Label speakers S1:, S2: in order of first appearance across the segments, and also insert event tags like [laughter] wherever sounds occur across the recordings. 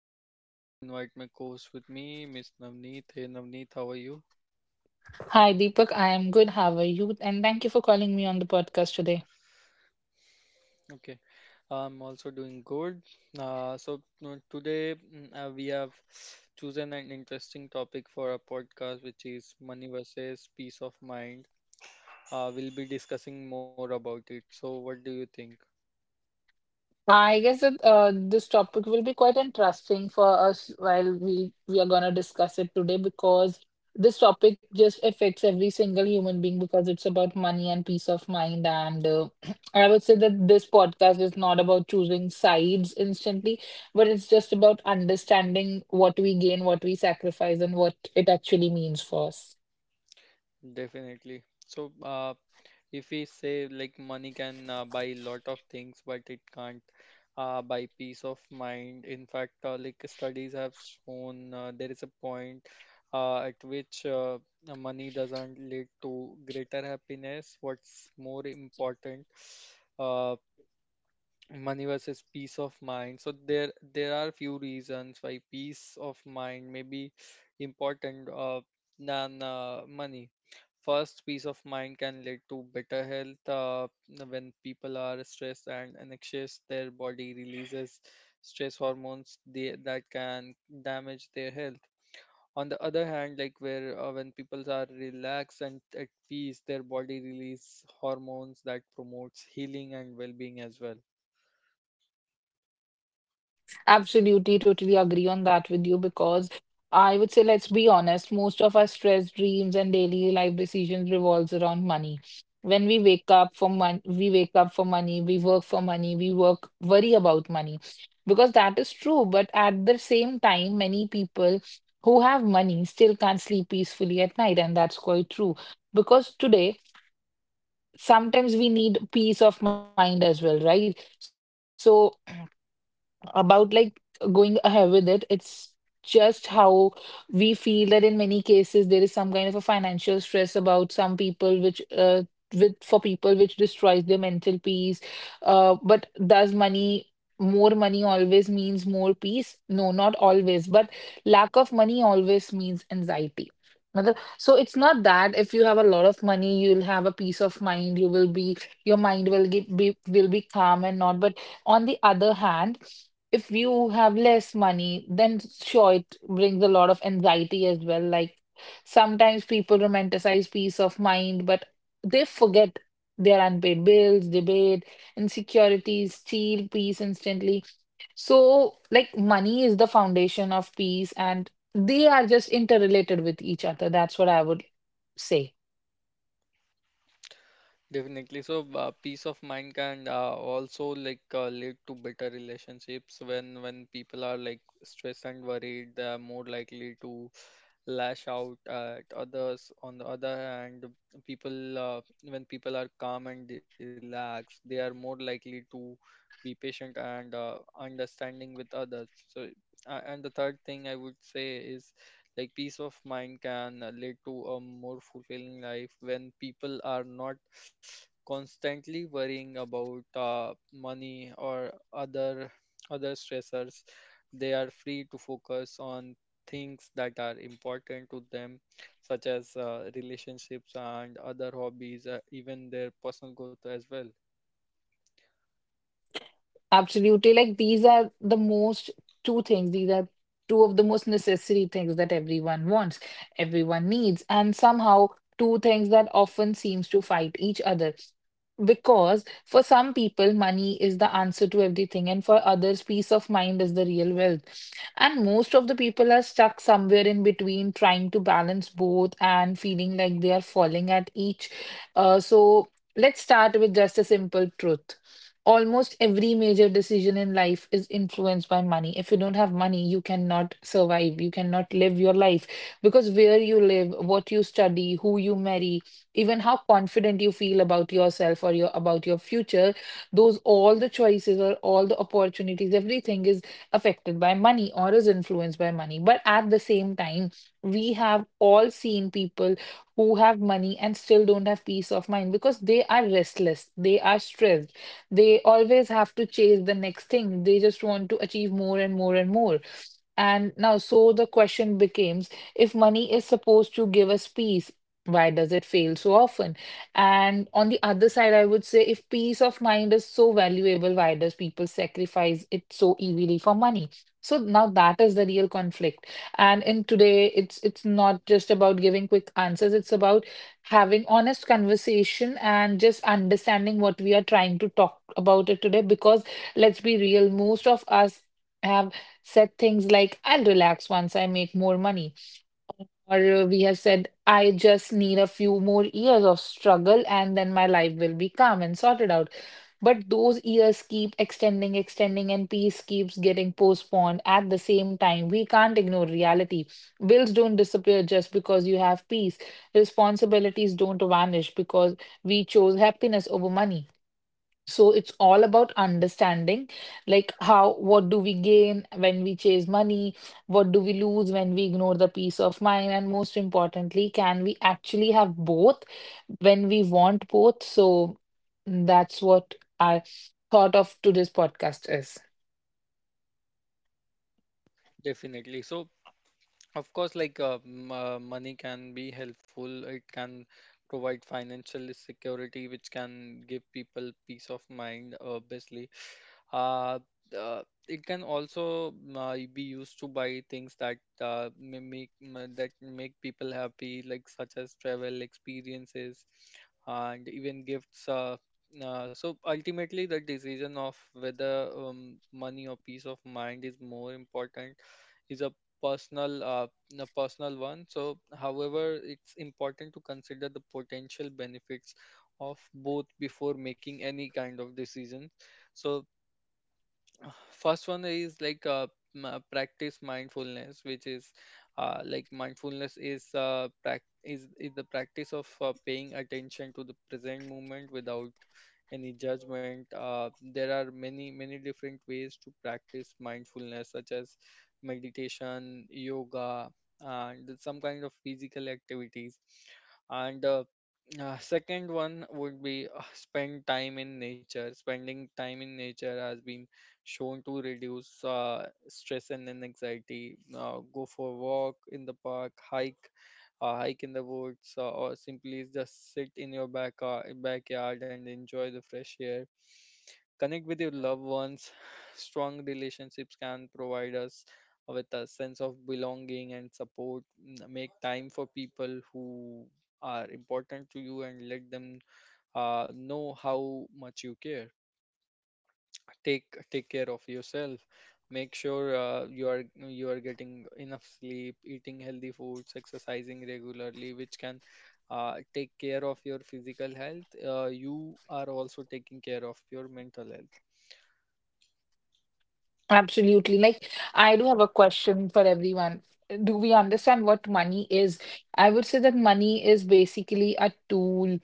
S1: I'm excited to invite my co-host with me, Miss Navneet. Hey Navneet, how are you?
S2: Hi, Deepak. I am good. How are you? And thank you for calling me on the podcast today.
S1: Okay, I'm also doing good. Today we have chosen an interesting topic for our podcast, which is money versus peace of mind. We'll be discussing more about it. So what do you think?
S2: I guess that this topic will be quite interesting for us while we are gonna discuss it today because this topic just affects every single human being because it's about money and peace of mind. And [clears throat] I would say that this podcast is not about choosing sides instantly, but it's just about understanding what we gain, what we sacrifice, and what it actually means for us.
S1: Definitely. So, if we say like money can buy a lot of things, but it can't buy peace of mind. In fact, like studies have shown, there is a point at which money doesn't lead to greater happiness. What's more important? uh, Money versus peace of mind. So there are few reasons why peace of mind may be important, than money. First, peace of mind can lead to better health. When people are stressed and anxious, their body releases stress hormones that can damage their health. On the other hand, like where when people are relaxed and at peace, their body release hormones that promotes healing and well-being as well.
S2: Absolutely, totally agree on that with you because I would say, let's be honest, most of our stress, dreams, and daily life decisions revolves around money. When we wake up for money, we wake up for money, we work for money, we work, worry about money. Because that is true, but at the same time, many people who have money still can't sleep peacefully at night, and that's quite true. Because today, sometimes we need peace of mind as well, right? So about like going ahead with it, it's just how we feel that in many cases there is some kind of a financial stress about some people which with for people which destroys their mental peace. But does money, more money always means more peace? No, not always, but lack of money always means anxiety. So it's not that if you have a lot of money you'll have a peace of mind, you will be your mind will get, be will be calm and not. But on the other hand, if you have less money, then sure, it brings a lot of anxiety as well. Like sometimes people romanticize peace of mind, but they forget their unpaid bills, debate, insecurities, steal peace instantly. So, like, money is the foundation of peace, and they are just interrelated with each other. That's what I would say.
S1: Definitely. So, peace of mind can also like lead to better relationships when people are like stressed and worried, they are more likely to lash out at others. On the other hand, people when people are calm and they relax, they are more likely to be patient and understanding with others. So, and the third thing I would say is like peace of mind can lead to a more fulfilling life when people are not constantly worrying about money or other stressors. They are free to focus on things that are important to them, such as relationships and other hobbies, even their personal growth as well.
S2: Absolutely. Like these are the most two things. These are two of the most necessary things that everyone wants, everyone needs, and somehow two things that often seems to fight each other. Because for some people, money is the answer to everything, and for others, peace of mind is the real wealth. And most of the people are stuck somewhere in between, trying to balance both and feeling like they are falling at each. So let's start with just a simple truth. Almost every major decision in life is influenced by money. If you don't have money, you cannot survive, you cannot live your life because where you live, what you study, who you marry, even how confident you feel about yourself or your about your future, those all the choices or all the opportunities, everything is affected by money or is influenced by money. But at the same time, we have all seen people who have money and still don't have peace of mind because they are restless, they are stressed, they always have to chase the next thing. They just want to achieve more and more and more. And now, so the question becomes, if money is supposed to give us peace, why does it fail so often? And on the other side, I would say if peace of mind is so valuable, why does people sacrifice it so easily for money? So now that is the real conflict. And in today, it's not just about giving quick answers. It's about having honest conversation and just understanding what we are trying to talk about it today because let's be real, most of us have said things like, I'll relax once I make more money, or we have said, I just need a few more years of struggle and then my life will be calm and sorted out. But those years keep extending, extending, and peace keeps getting postponed. At the same time, we can't ignore reality. Bills don't disappear just because you have peace. Responsibilities don't vanish because we chose happiness over money. So it's all about understanding, like how, what do we gain when we chase money? What do we lose when we ignore the peace of mind? And most importantly, can we actually have both when we want both? So that's what I thought of today's podcast is.
S1: Definitely. So, of course, like money can be helpful. It can provide financial security, which can give people peace of mind, obviously. Uh, uh, it can also be used to buy things that make people happy, like such as travel experiences and even gifts. So ultimately, the decision of whether money or peace of mind is more important is personal uh, a personal one. So, however, it's important to consider the potential benefits of both before making any kind of decision. So, first one is like practice mindfulness, which is like mindfulness is the practice of paying attention to the present moment without any judgment. There are many different ways to practice mindfulness, such as meditation, yoga, and some kind of physical activities. And second one would be spend time in nature. Spending time in nature has been shown to reduce stress and then anxiety. Go for a walk in the park, hike in the woods, or simply just sit in your backyard and enjoy the fresh air. Connect with your loved ones. [sighs] Strong relationships can provide us with a sense of belonging and support. Make time for people who are important to you and let them know how much you care. Take take care of yourself. Make sure you are getting enough sleep, eating healthy foods, exercising regularly, which can take care of your physical health. You are also taking care of your mental health.
S2: Absolutely. Like, I do have a question for everyone. Do we understand what money is? I would say that money is basically a tool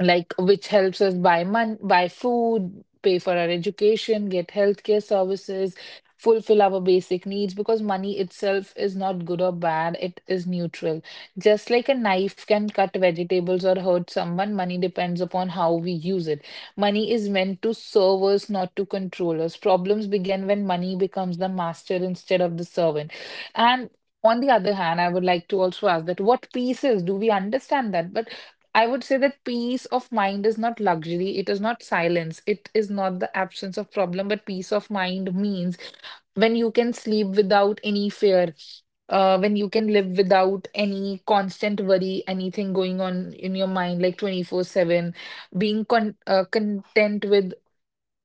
S2: like which helps us buy food, pay for our education, get healthcare services, fulfill our basic needs because money itself is not good or bad, it is neutral. Just like a knife can cut vegetables or hurt someone, money depends upon how we use it. Money is meant to serve us, not to control us. Problems begin when money becomes the master instead of the servant. And on the other hand, I would like to also ask that what pieces do we understand that? But I would say that peace of mind is not luxury, it is not silence, it is not the absence of problem, but peace of mind means when you can sleep without any fear, when you can live without any constant worry, anything going on in your mind like 24/7, being content with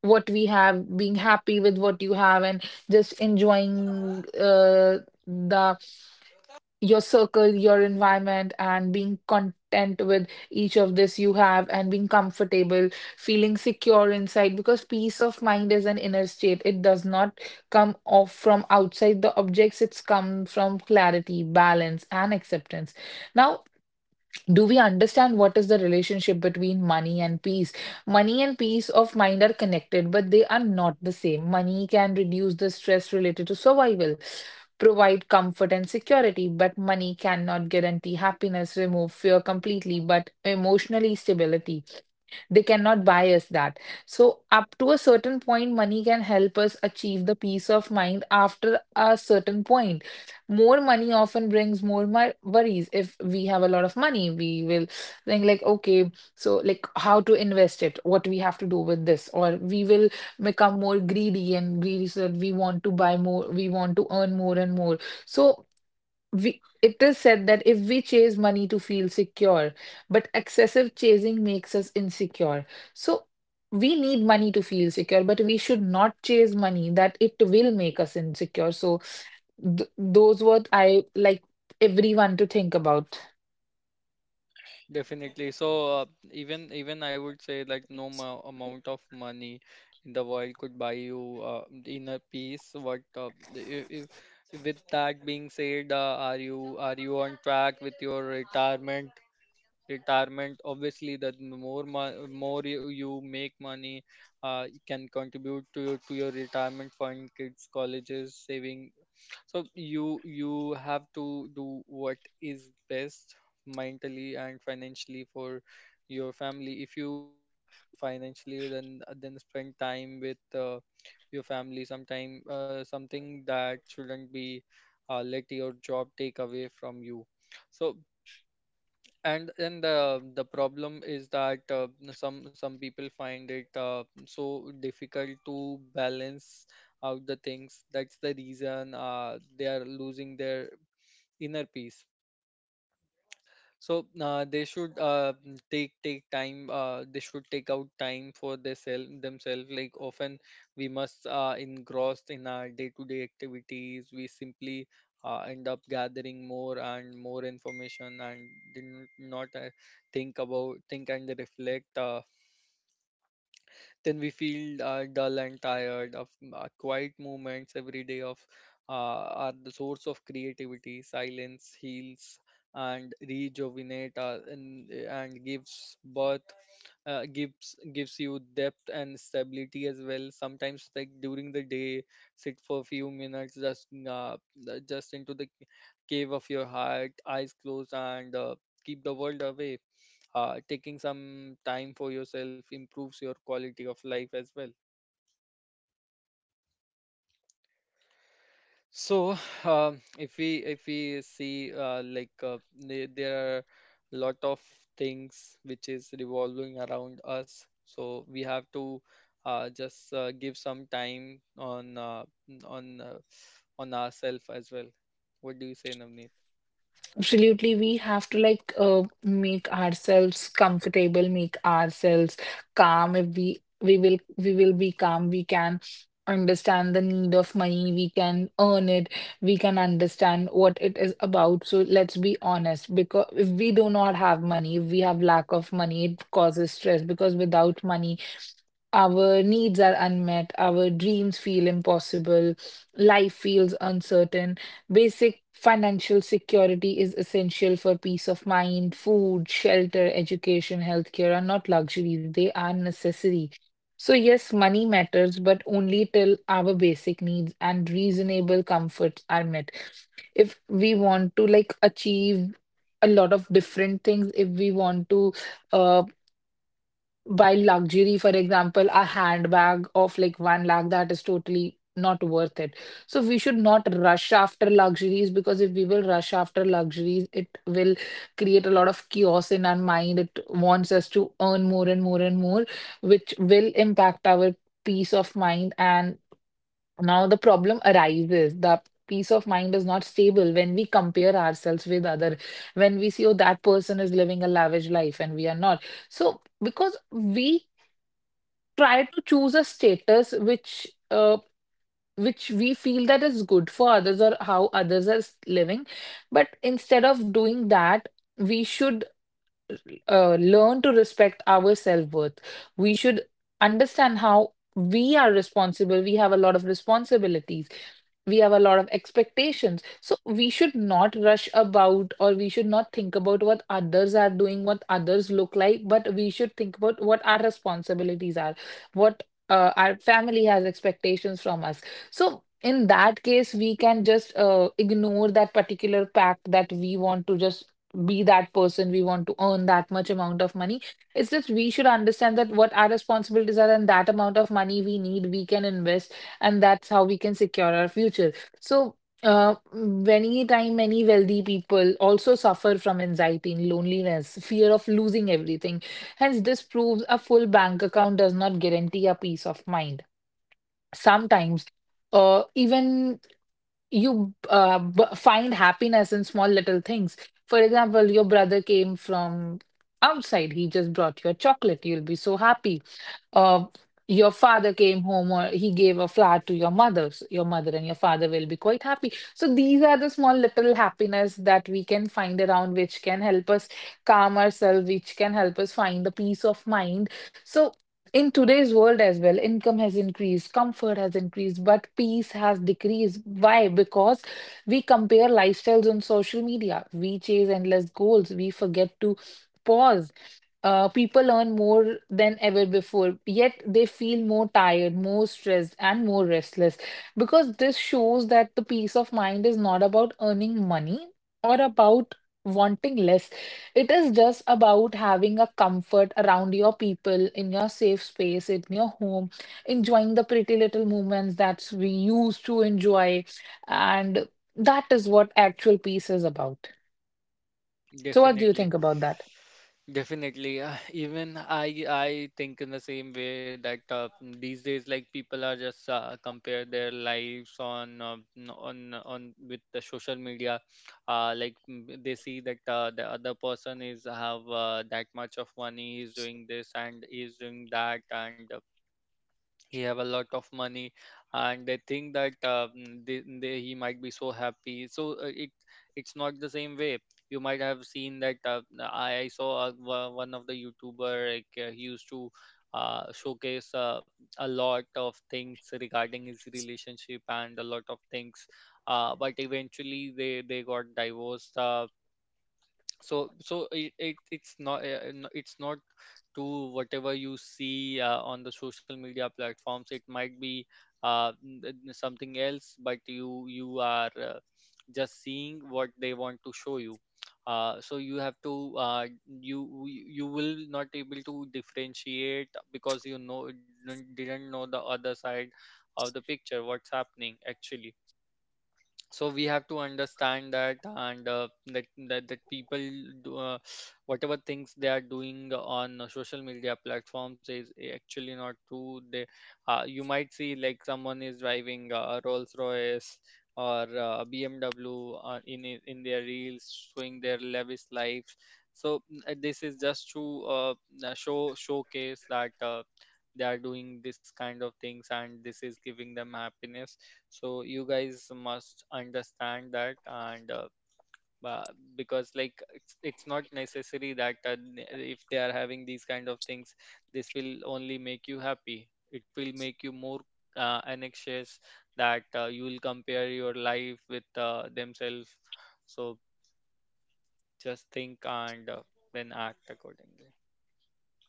S2: what we have, being happy with what you have, and just enjoying the your circle, your environment, and being content with each of this you have and being comfortable, feeling secure inside because peace of mind is an inner state. It does not come off from outside the objects, it's come from clarity, balance, and acceptance. Now do we understand what is the relationship between money and peace? Money and peace of mind are connected but they are not the same. Money can reduce the stress related to survival, provide comfort and security, but money cannot guarantee happiness, remove fear completely, but emotionally stability they cannot buy us that. So, up to a certain point, money can help us achieve the peace of mind after a certain point. More money often brings more my worries. If we have a lot of money, we will think, like, okay, so like how to invest it, what we have to do with this, or we will become more greedy and greedy so that we want to buy more, we want to earn more and more. So, we it is said that if we chase money to feel secure, but excessive chasing makes us insecure. So we need money to feel secure, but we should not chase money that it will make us insecure. So th those what I like everyone to think about.
S1: Definitely. So, even I would say like no amount of money in the world could buy you inner peace. What the- I- With that being said, are you on track with your retirement? Retirement, obviously, that more you make money, you can contribute to your retirement fund, kids, colleges, saving. So you have to do what is best mentally and financially for your family. If you are on financially, then spend time with your family sometime, something that shouldn't be, let your job take away from you. So, and then the problem is that some people find it so difficult to balance out the things. That's the reason they are losing their inner peace. So, they should take time. They should take out time for their self themselves, like often we must engrossed in our day-to-day activities. We simply end up gathering more and more information and did not think and reflect. Then we feel dull and tired of quiet moments. Every day of are the source of creativity. Silence heals and rejuvenate, and gives birth. Gives you depth and stability as well. Sometimes, like during the day, sit for a few minutes, just into the cave of your heart, eyes closed, and keep the world away. Taking some time for yourself improves your quality of life as well. So, [sighs] if we see like there are a lot of things which is revolving around us, so we have to just give some time on n- on ourselves as well. What do you say, Navneet?
S2: Absolutely, we have to like make ourselves comfortable, make ourselves calm. If we will be calm, we can understand the need of money, we can earn it, we can understand what it is about. So let's be honest, because if we do not have money, if we have lack of money, it causes stress because without money our needs are unmet, our dreams feel impossible, life feels uncertain. Basic financial security is essential for peace of mind. Food, shelter, education, healthcare are not luxuries, they are necessary. So, yes, money matters, but only till our basic needs and reasonable comforts are met if we want to like achieve a lot of different things if we want to uh. By luxury, for example, a handbag of like one lakh that is totally not worth it. So we should not rush after luxuries because if we will rush after luxuries, it will create a lot of chaos in our mind. It wants us to earn more and more and more, which will impact our peace of mind. And now the problem arises. The peace of mind is not stable when we compare ourselves with other, when we see, oh, that person is living a lavish life and we are not. So because we try to choose a status which we feel that is good for others or how others are living, but instead of doing that we should learn to respect our self-worth. We should understand how we are responsible, we have a lot of responsibilities, we have a lot of expectations, so we should not rush about or we should not think about what others are doing, what others look like, but we should think about what our responsibilities are, what our family has expectations from us. So in that case we can just ignore that particular pact that we want to just be that person, we want to earn that much amount of money. It's just we should understand that what our responsibilities are and that amount of money we need we can invest, and that's how we can secure our future. So, many time many wealthy people also suffer from anxiety and loneliness, fear of losing everything. Hence, this proves a full bank account does not guarantee a peace of mind. Sometimes, even you find happiness in small little things. For example, your brother came from outside. He just brought you a chocolate. You'll be so happy. uh, your father came home or he gave a flower to your mother. So your mother and your father will be quite happy. So these are the small little happiness that we can find around, which can help us calm ourselves, which can help us find the peace of mind. So in today's world as well, income has increased, comfort has increased, but peace has decreased. Why? Because we compare lifestyles on social media, we chase endless goals, we forget to pause. People earn more than ever before, yet they feel more tired, more stressed, and more restless because this shows that the peace of mind is not about earning money or about wanting less. It is just about having a comfort around your people, in your safe space, in your home, enjoying the pretty little moments that we used to enjoy. And that is what actual peace is about. So, what do you
S1: Definitely.
S2: think about that?
S1: Definitely. Even I think in the same way that these days like people are just compare their lives on n- on with the social media. Like, they see that the other person is have that much of money, he's doing this and he's doing that, and he have a lot of money, and they think that he might be so happy. So, it's not the same way. You might have seen that. I saw one of the youtuber, like he used to showcase a lot of things regarding his relationship and a lot of things, but eventually they got divorced. It's not, to whatever you see on the social media platforms, it might be something else, but you are just seeing what they want to show you. You have to, you will not able to differentiate, because you know, didn't know the other side of the picture, what's happening actually. So we have to understand that, and that people do, whatever things they are doing on social media platforms is actually not true. They, you might see like someone is driving a Rolls Royce or BMW, in their reels, showing their lavish lives. So, this is just to showcase that they are doing this kind of things, and this is giving them happiness. So you guys must understand that. And uh, because like it's not necessary that if they are having these kind of things, this will only make you happy. It will make you more anxious, that you will compare your life with themselves. So just think and then act accordingly.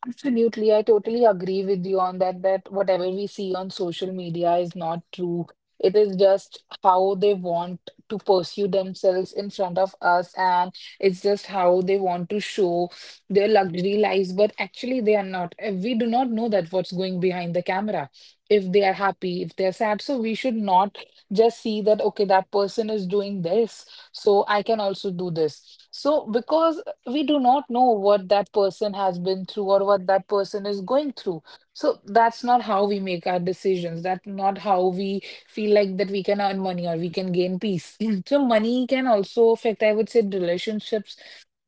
S2: Absolutely, I totally agree with you on that, that whatever we see on social media is not true. It is just how they want to pursue themselves in front of us, and it's just how they want to show their luxury lives, but actually they are not. We do not know that what's going behind the camera, if they are happy, if they're sad. So we should not just see that, okay, that person is doing this, so I can also do this. So because we do not know what that person has been through or what that person is going through. So that's not how we make our decisions. That's not how we feel like that we can earn money or we can gain peace. [laughs] [clears throat] So money can also affect, I would say, relationships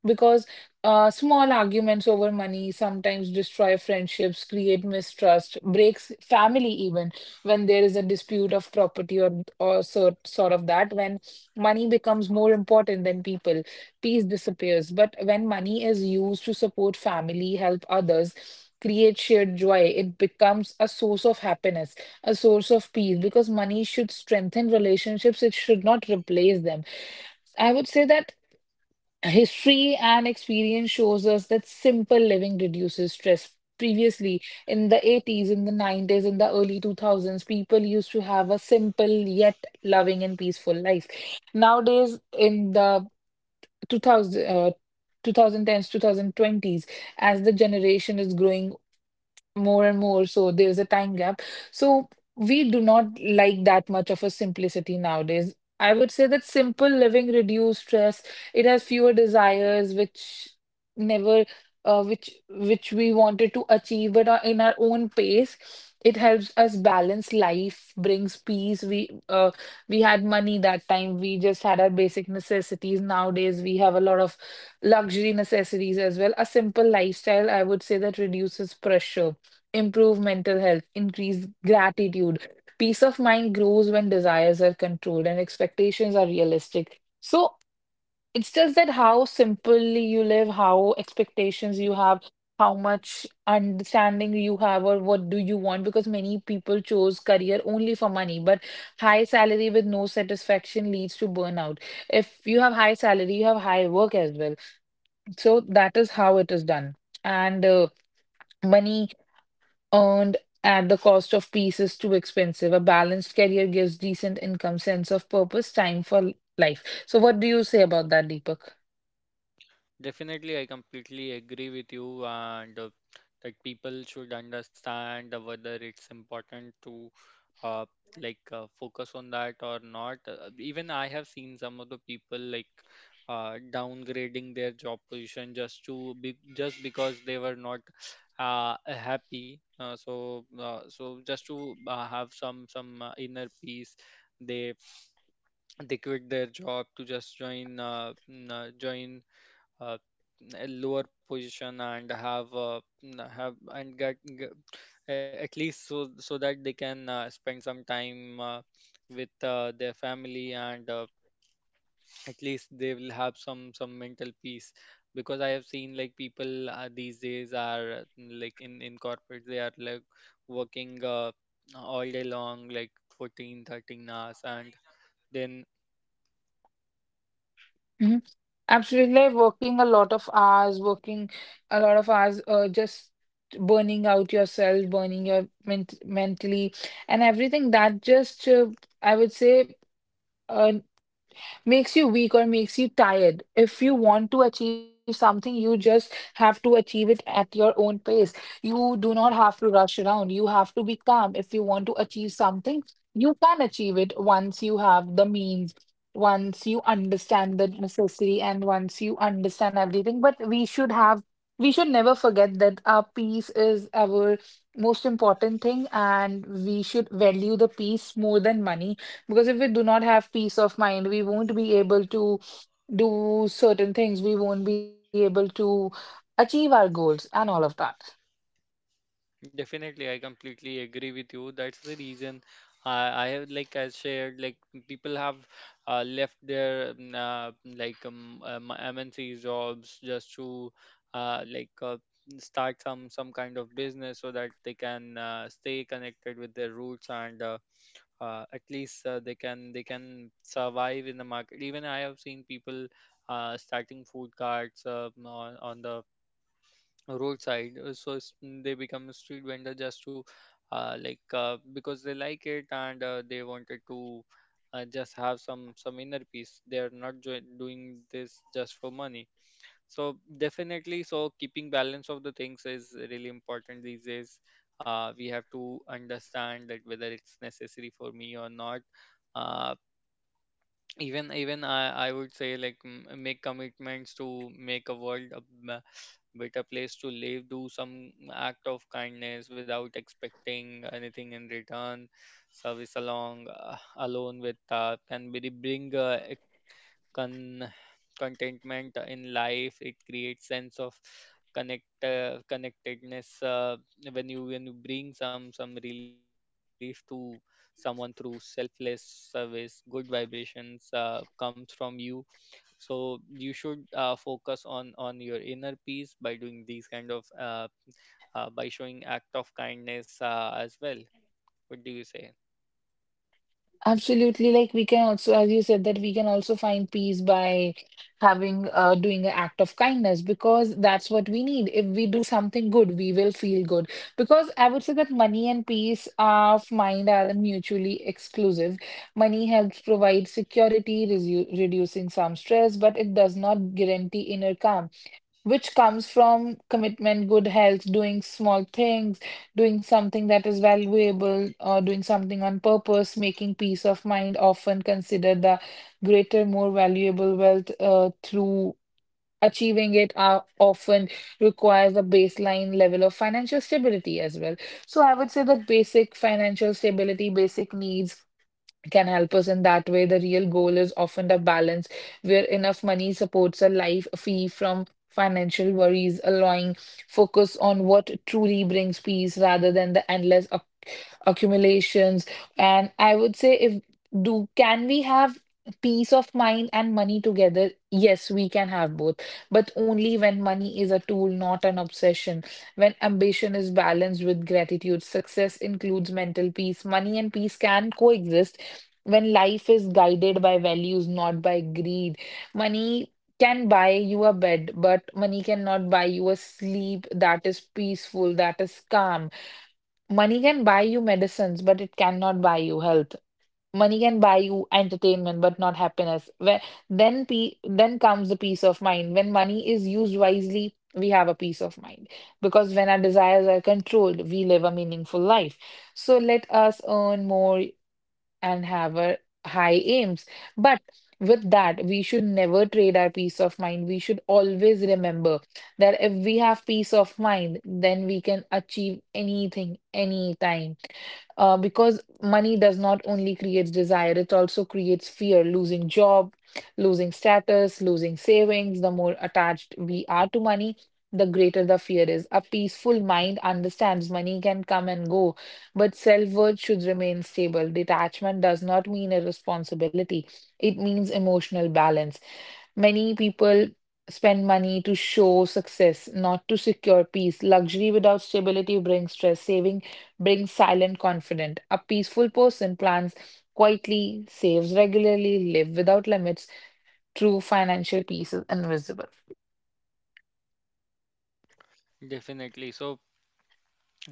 S2: because small arguments over money sometimes destroy friendships, create mistrust, breaks family even when there is a dispute of property or sort of that. When money becomes more important than people, peace disappears. But when money is used to support family, help others, create shared joy, it becomes a source of happiness, a source of peace, because money should strengthen relationships, it should not replace them. I would say that history and experience shows us that simple living reduces stress. Previously, in the 80s, in the 90s, in the early 2000s, people used to have a simple yet loving and peaceful life. Nowadays, in the 2000, uh, 2010s, 2020s, as the generation is growing more and more. So there's a time gap. So we do not like that much of a simplicity nowadays. I would say that simple living reduces stress. It has fewer desires, which never, which we wanted to achieve, but in our own pace. It helps us balance life, brings peace. We had money that time. We just had our basic necessities. Nowadays, we have a lot of luxury necessities as well. A simple lifestyle, I would say, that reduces pressure, improve mental health, increase gratitude. Peace of mind grows when desires are controlled and expectations are realistic. So it's just that how simply you live, how expectations you have, how much understanding you have, or what do you want? Because many people chose career only for money, but high salary with no satisfaction leads to burnout. If you have high salary, you have high work as well. So that is how it is done. And money earned at the cost of peace is too expensive. A balanced career gives decent income, sense of purpose, time for life. So, what do you say about that, Deepak?
S1: Definitely, I completely agree with you, and that people should understand whether it's important to uh, like focus on that or not. Even I have seen some of the people like downgrading their job position, just to be just because they were not happy. So just to have some inner peace, they they quit their job to just join uh, a lower position and have n- have and get at least, so that they can spend some time with their family, and at least they will have some mental peace. Because I have seen like people these days are like in corporate, they are like working all day long, like fourteen thirteen 13 hours, and then.
S2: Hmm. Absolutely, working a lot of hours, working a lot of hours, just burning out yourself, burning your mentally, and everything. That just, uh, I would say. uh, makes you weak or makes you tired. If you want to achieve something, you just have to achieve it at your own pace. You do not have to rush around. You have to be calm. If you want to achieve something, you can achieve it once you have the means, once you understand the necessity, and once you understand everything. But we should never forget that our peace is our most important thing and we should value the peace more than money because if we do not have peace of mind, we won't be able to do certain things. We won't be able to achieve our goals and all of that.
S1: Definitely, I completely agree with you. That's the reason I have, like I shared, like people have left their like MNC jobs just to like start some kind of business, so that they can stay connected with their roots, and at least they can survive in the market. Even I have seen people starting food carts on the roadside they become a street vendor just to because they like it and they wanted to just have some inner peace. They are not jo- doing this just for money. So definitely, so keeping balance of the things is really important these days. We have to understand that whether it's necessary for me or not. Uh, even even I would say like, make commitments to make a world a better place to live. Do some act of kindness without expecting anything in return. Service along alone with, can really bring con- contentment in life. It creates sense of connect, connectedness. When you bring some relief to someone through selfless service, good vibrations comes from you. So you should focus on your inner peace by doing these kind of by showing act of kindness as well. What do you say?
S2: Absolutely. Like we can also, as you said, that we can also find peace by having, doing an act of kindness because that's what we need. If we do something good, we will feel good. Because I would say that money and peace of mind are mutually exclusive. Money helps provide security, reducing some stress, but it does not guarantee inner calm, which comes from commitment, good health, doing small things, doing something that is valuable, or doing something on purpose, making peace of mind, often considered the greater, more valuable wealth. Through achieving it often requires a baseline level of financial stability as well. So I would say that basic financial stability, basic needs can help us in that way. The real goal is often a balance where enough money supports a life free from financial worries, allowing focus on what truly brings peace rather than the endless accumulations. And I would say, if do can we have peace of mind and money together? Yes, we can have both, but only when money is a tool, not an obsession. When ambition is balanced with gratitude, success includes mental peace. Money and peace can coexist when life is guided by values, not by greed. Money can buy you a bed, but money cannot buy you a sleep that is peaceful, that is calm. Money can buy you medicines, but it cannot buy you health. Money can buy you entertainment, but not happiness. Where then pe then comes the peace of mind. When money is used wisely, we have a peace of mind. Because when our desires are controlled, we live a meaningful life. So let us earn more and have our high aims. But with that, we should never trade our peace of mind. We should always remember that if we have peace of mind, then we can achieve anything, anytime. Because money does not only create desire, it also creates fear, losing job, losing status, losing savings. The more attached we are to money, the greater the fear is. A peaceful mind understands money can come and go but self worth should remain stable. Detachment does not mean irresponsibility, it means emotional balance. Many people spend money to show success, not to secure peace. Luxury without stability brings stress. Saving brings silent confidence. A peaceful person plans quietly, saves regularly, live without limits. True financial peace is invisible.
S1: Definitely, so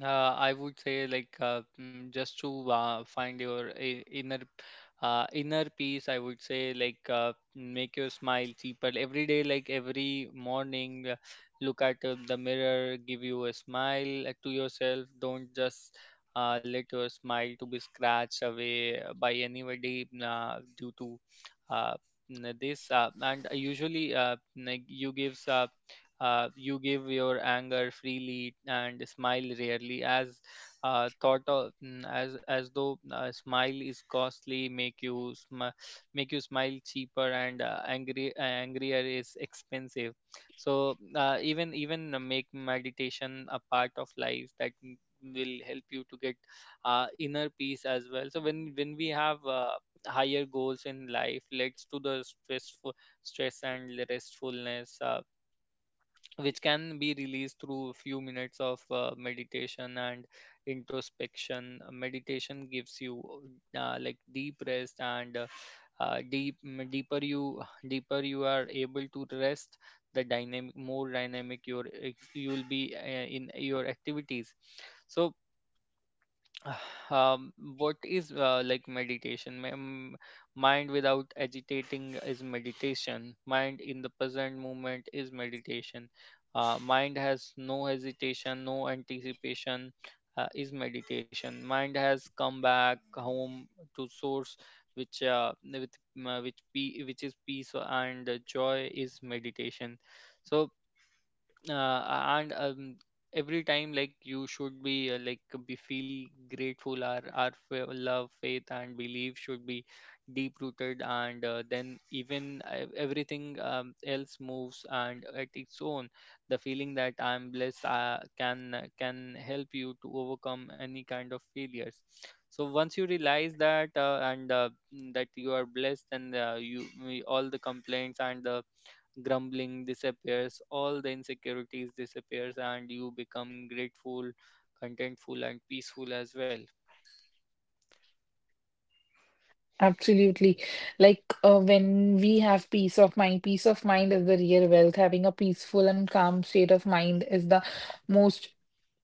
S1: I would say like, just to find your inner peace. I would say like, make your smile cheaper every day. Like every morning, look at the mirror, give you a smile to yourself. Don't just let your smile to be scratched away by anybody due to uh, this. And usually, like you gives. You give your anger freely and smile rarely, as thought of, as though a smile is costly. Make you smile cheaper, and angry angrier is expensive. So even even make meditation a part of life. That will help you to get inner peace as well. So when we have higher goals in life, leads to the stress and restfulness. Which can be released through a few minutes of meditation and introspection. Meditation gives you like deep rest, and uh, deep m- deeper you deeper you are able to rest, the dynamic your you'll be in your activities. So [sighs] what is like meditation? Mind without agitating is meditation. Mind in the present moment is meditation. Mind has no hesitation, no anticipation, is meditation. Mind has come back home to source, which which is peace and joy, is meditation. So uh, and every time like you should be feel grateful. Our love, faith and belief should be deep rooted, and then even everything else moves and at its own. The feeling that I'm blessed can help you to overcome any kind of failures. So once you realize that, that you are blessed, and all the complaints and the grumbling disappears, all the insecurities disappears, and you become grateful, contentful and peaceful as well.
S2: Absolutely. Like when we have peace of mind is the real wealth. Having a peaceful and calm state of mind is the most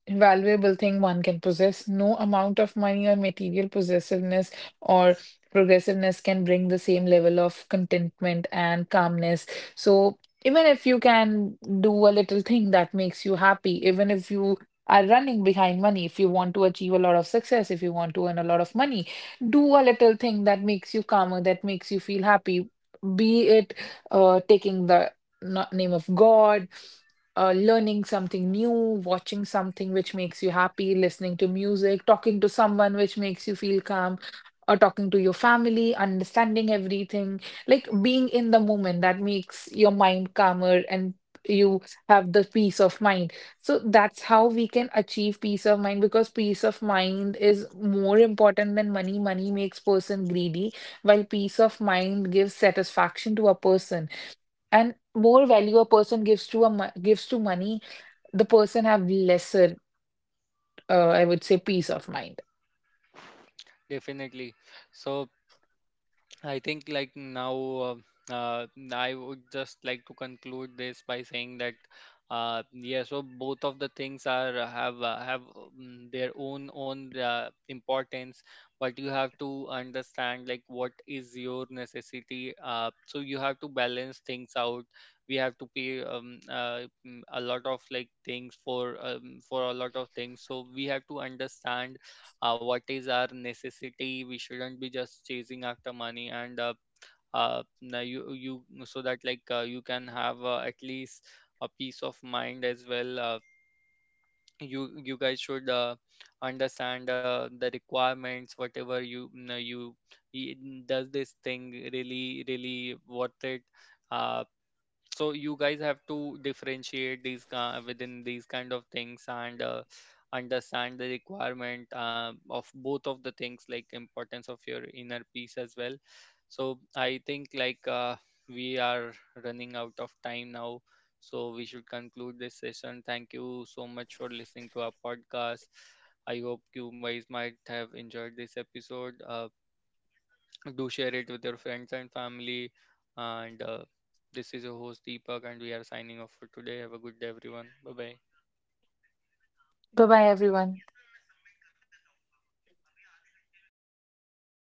S2: valuable thing one can possess. No amount of money or material possessiveness or progressiveness can bring the same level of contentment and calmness. So, even if you can do a little thing that makes you happy, even if you are running behind money, if you want to achieve a lot of success, if you want to earn a lot of money, do a little thing that makes you calmer, that makes you feel happy, be it taking the name of God, learning something new, watching something which makes you happy, listening to music, talking to someone which makes you feel calm, or talking to your family, understanding everything, like being in the moment that makes your mind calmer and you have the peace of mind. So that's how we can achieve peace of mind because peace of mind is more important than money. Money makes person greedy, while peace of mind gives satisfaction to a person. And more value a person gives to money, the person have lesser, I would say, peace of mind.
S1: Definitely. So I think like now, uh, I would just like to conclude this by saying that yeah, so both of the things are have, their own importance, but you have to understand like what is your necessity. So you have to balance things out. We have to pay a lot of like things for a lot of things. So we have to understand what is our necessity. We shouldn't be just chasing after money, and now you so that like you can have at least a peace of mind as well. You guys should understand the requirements, whatever you y- does this thing really worth it? Uh, so you guys have to differentiate within these kind of things, and understand the requirement of both of the things, like importance of your inner peace as well. So I think like we are running out of time now, so we should conclude this session. Thank you so much for listening to our podcast. I hope you guys might have enjoyed this episode. Do share it with your friends and family. And this is your host Deepak, and we are signing off for today. Have a good day, everyone. Bye bye.
S2: Bye bye, everyone.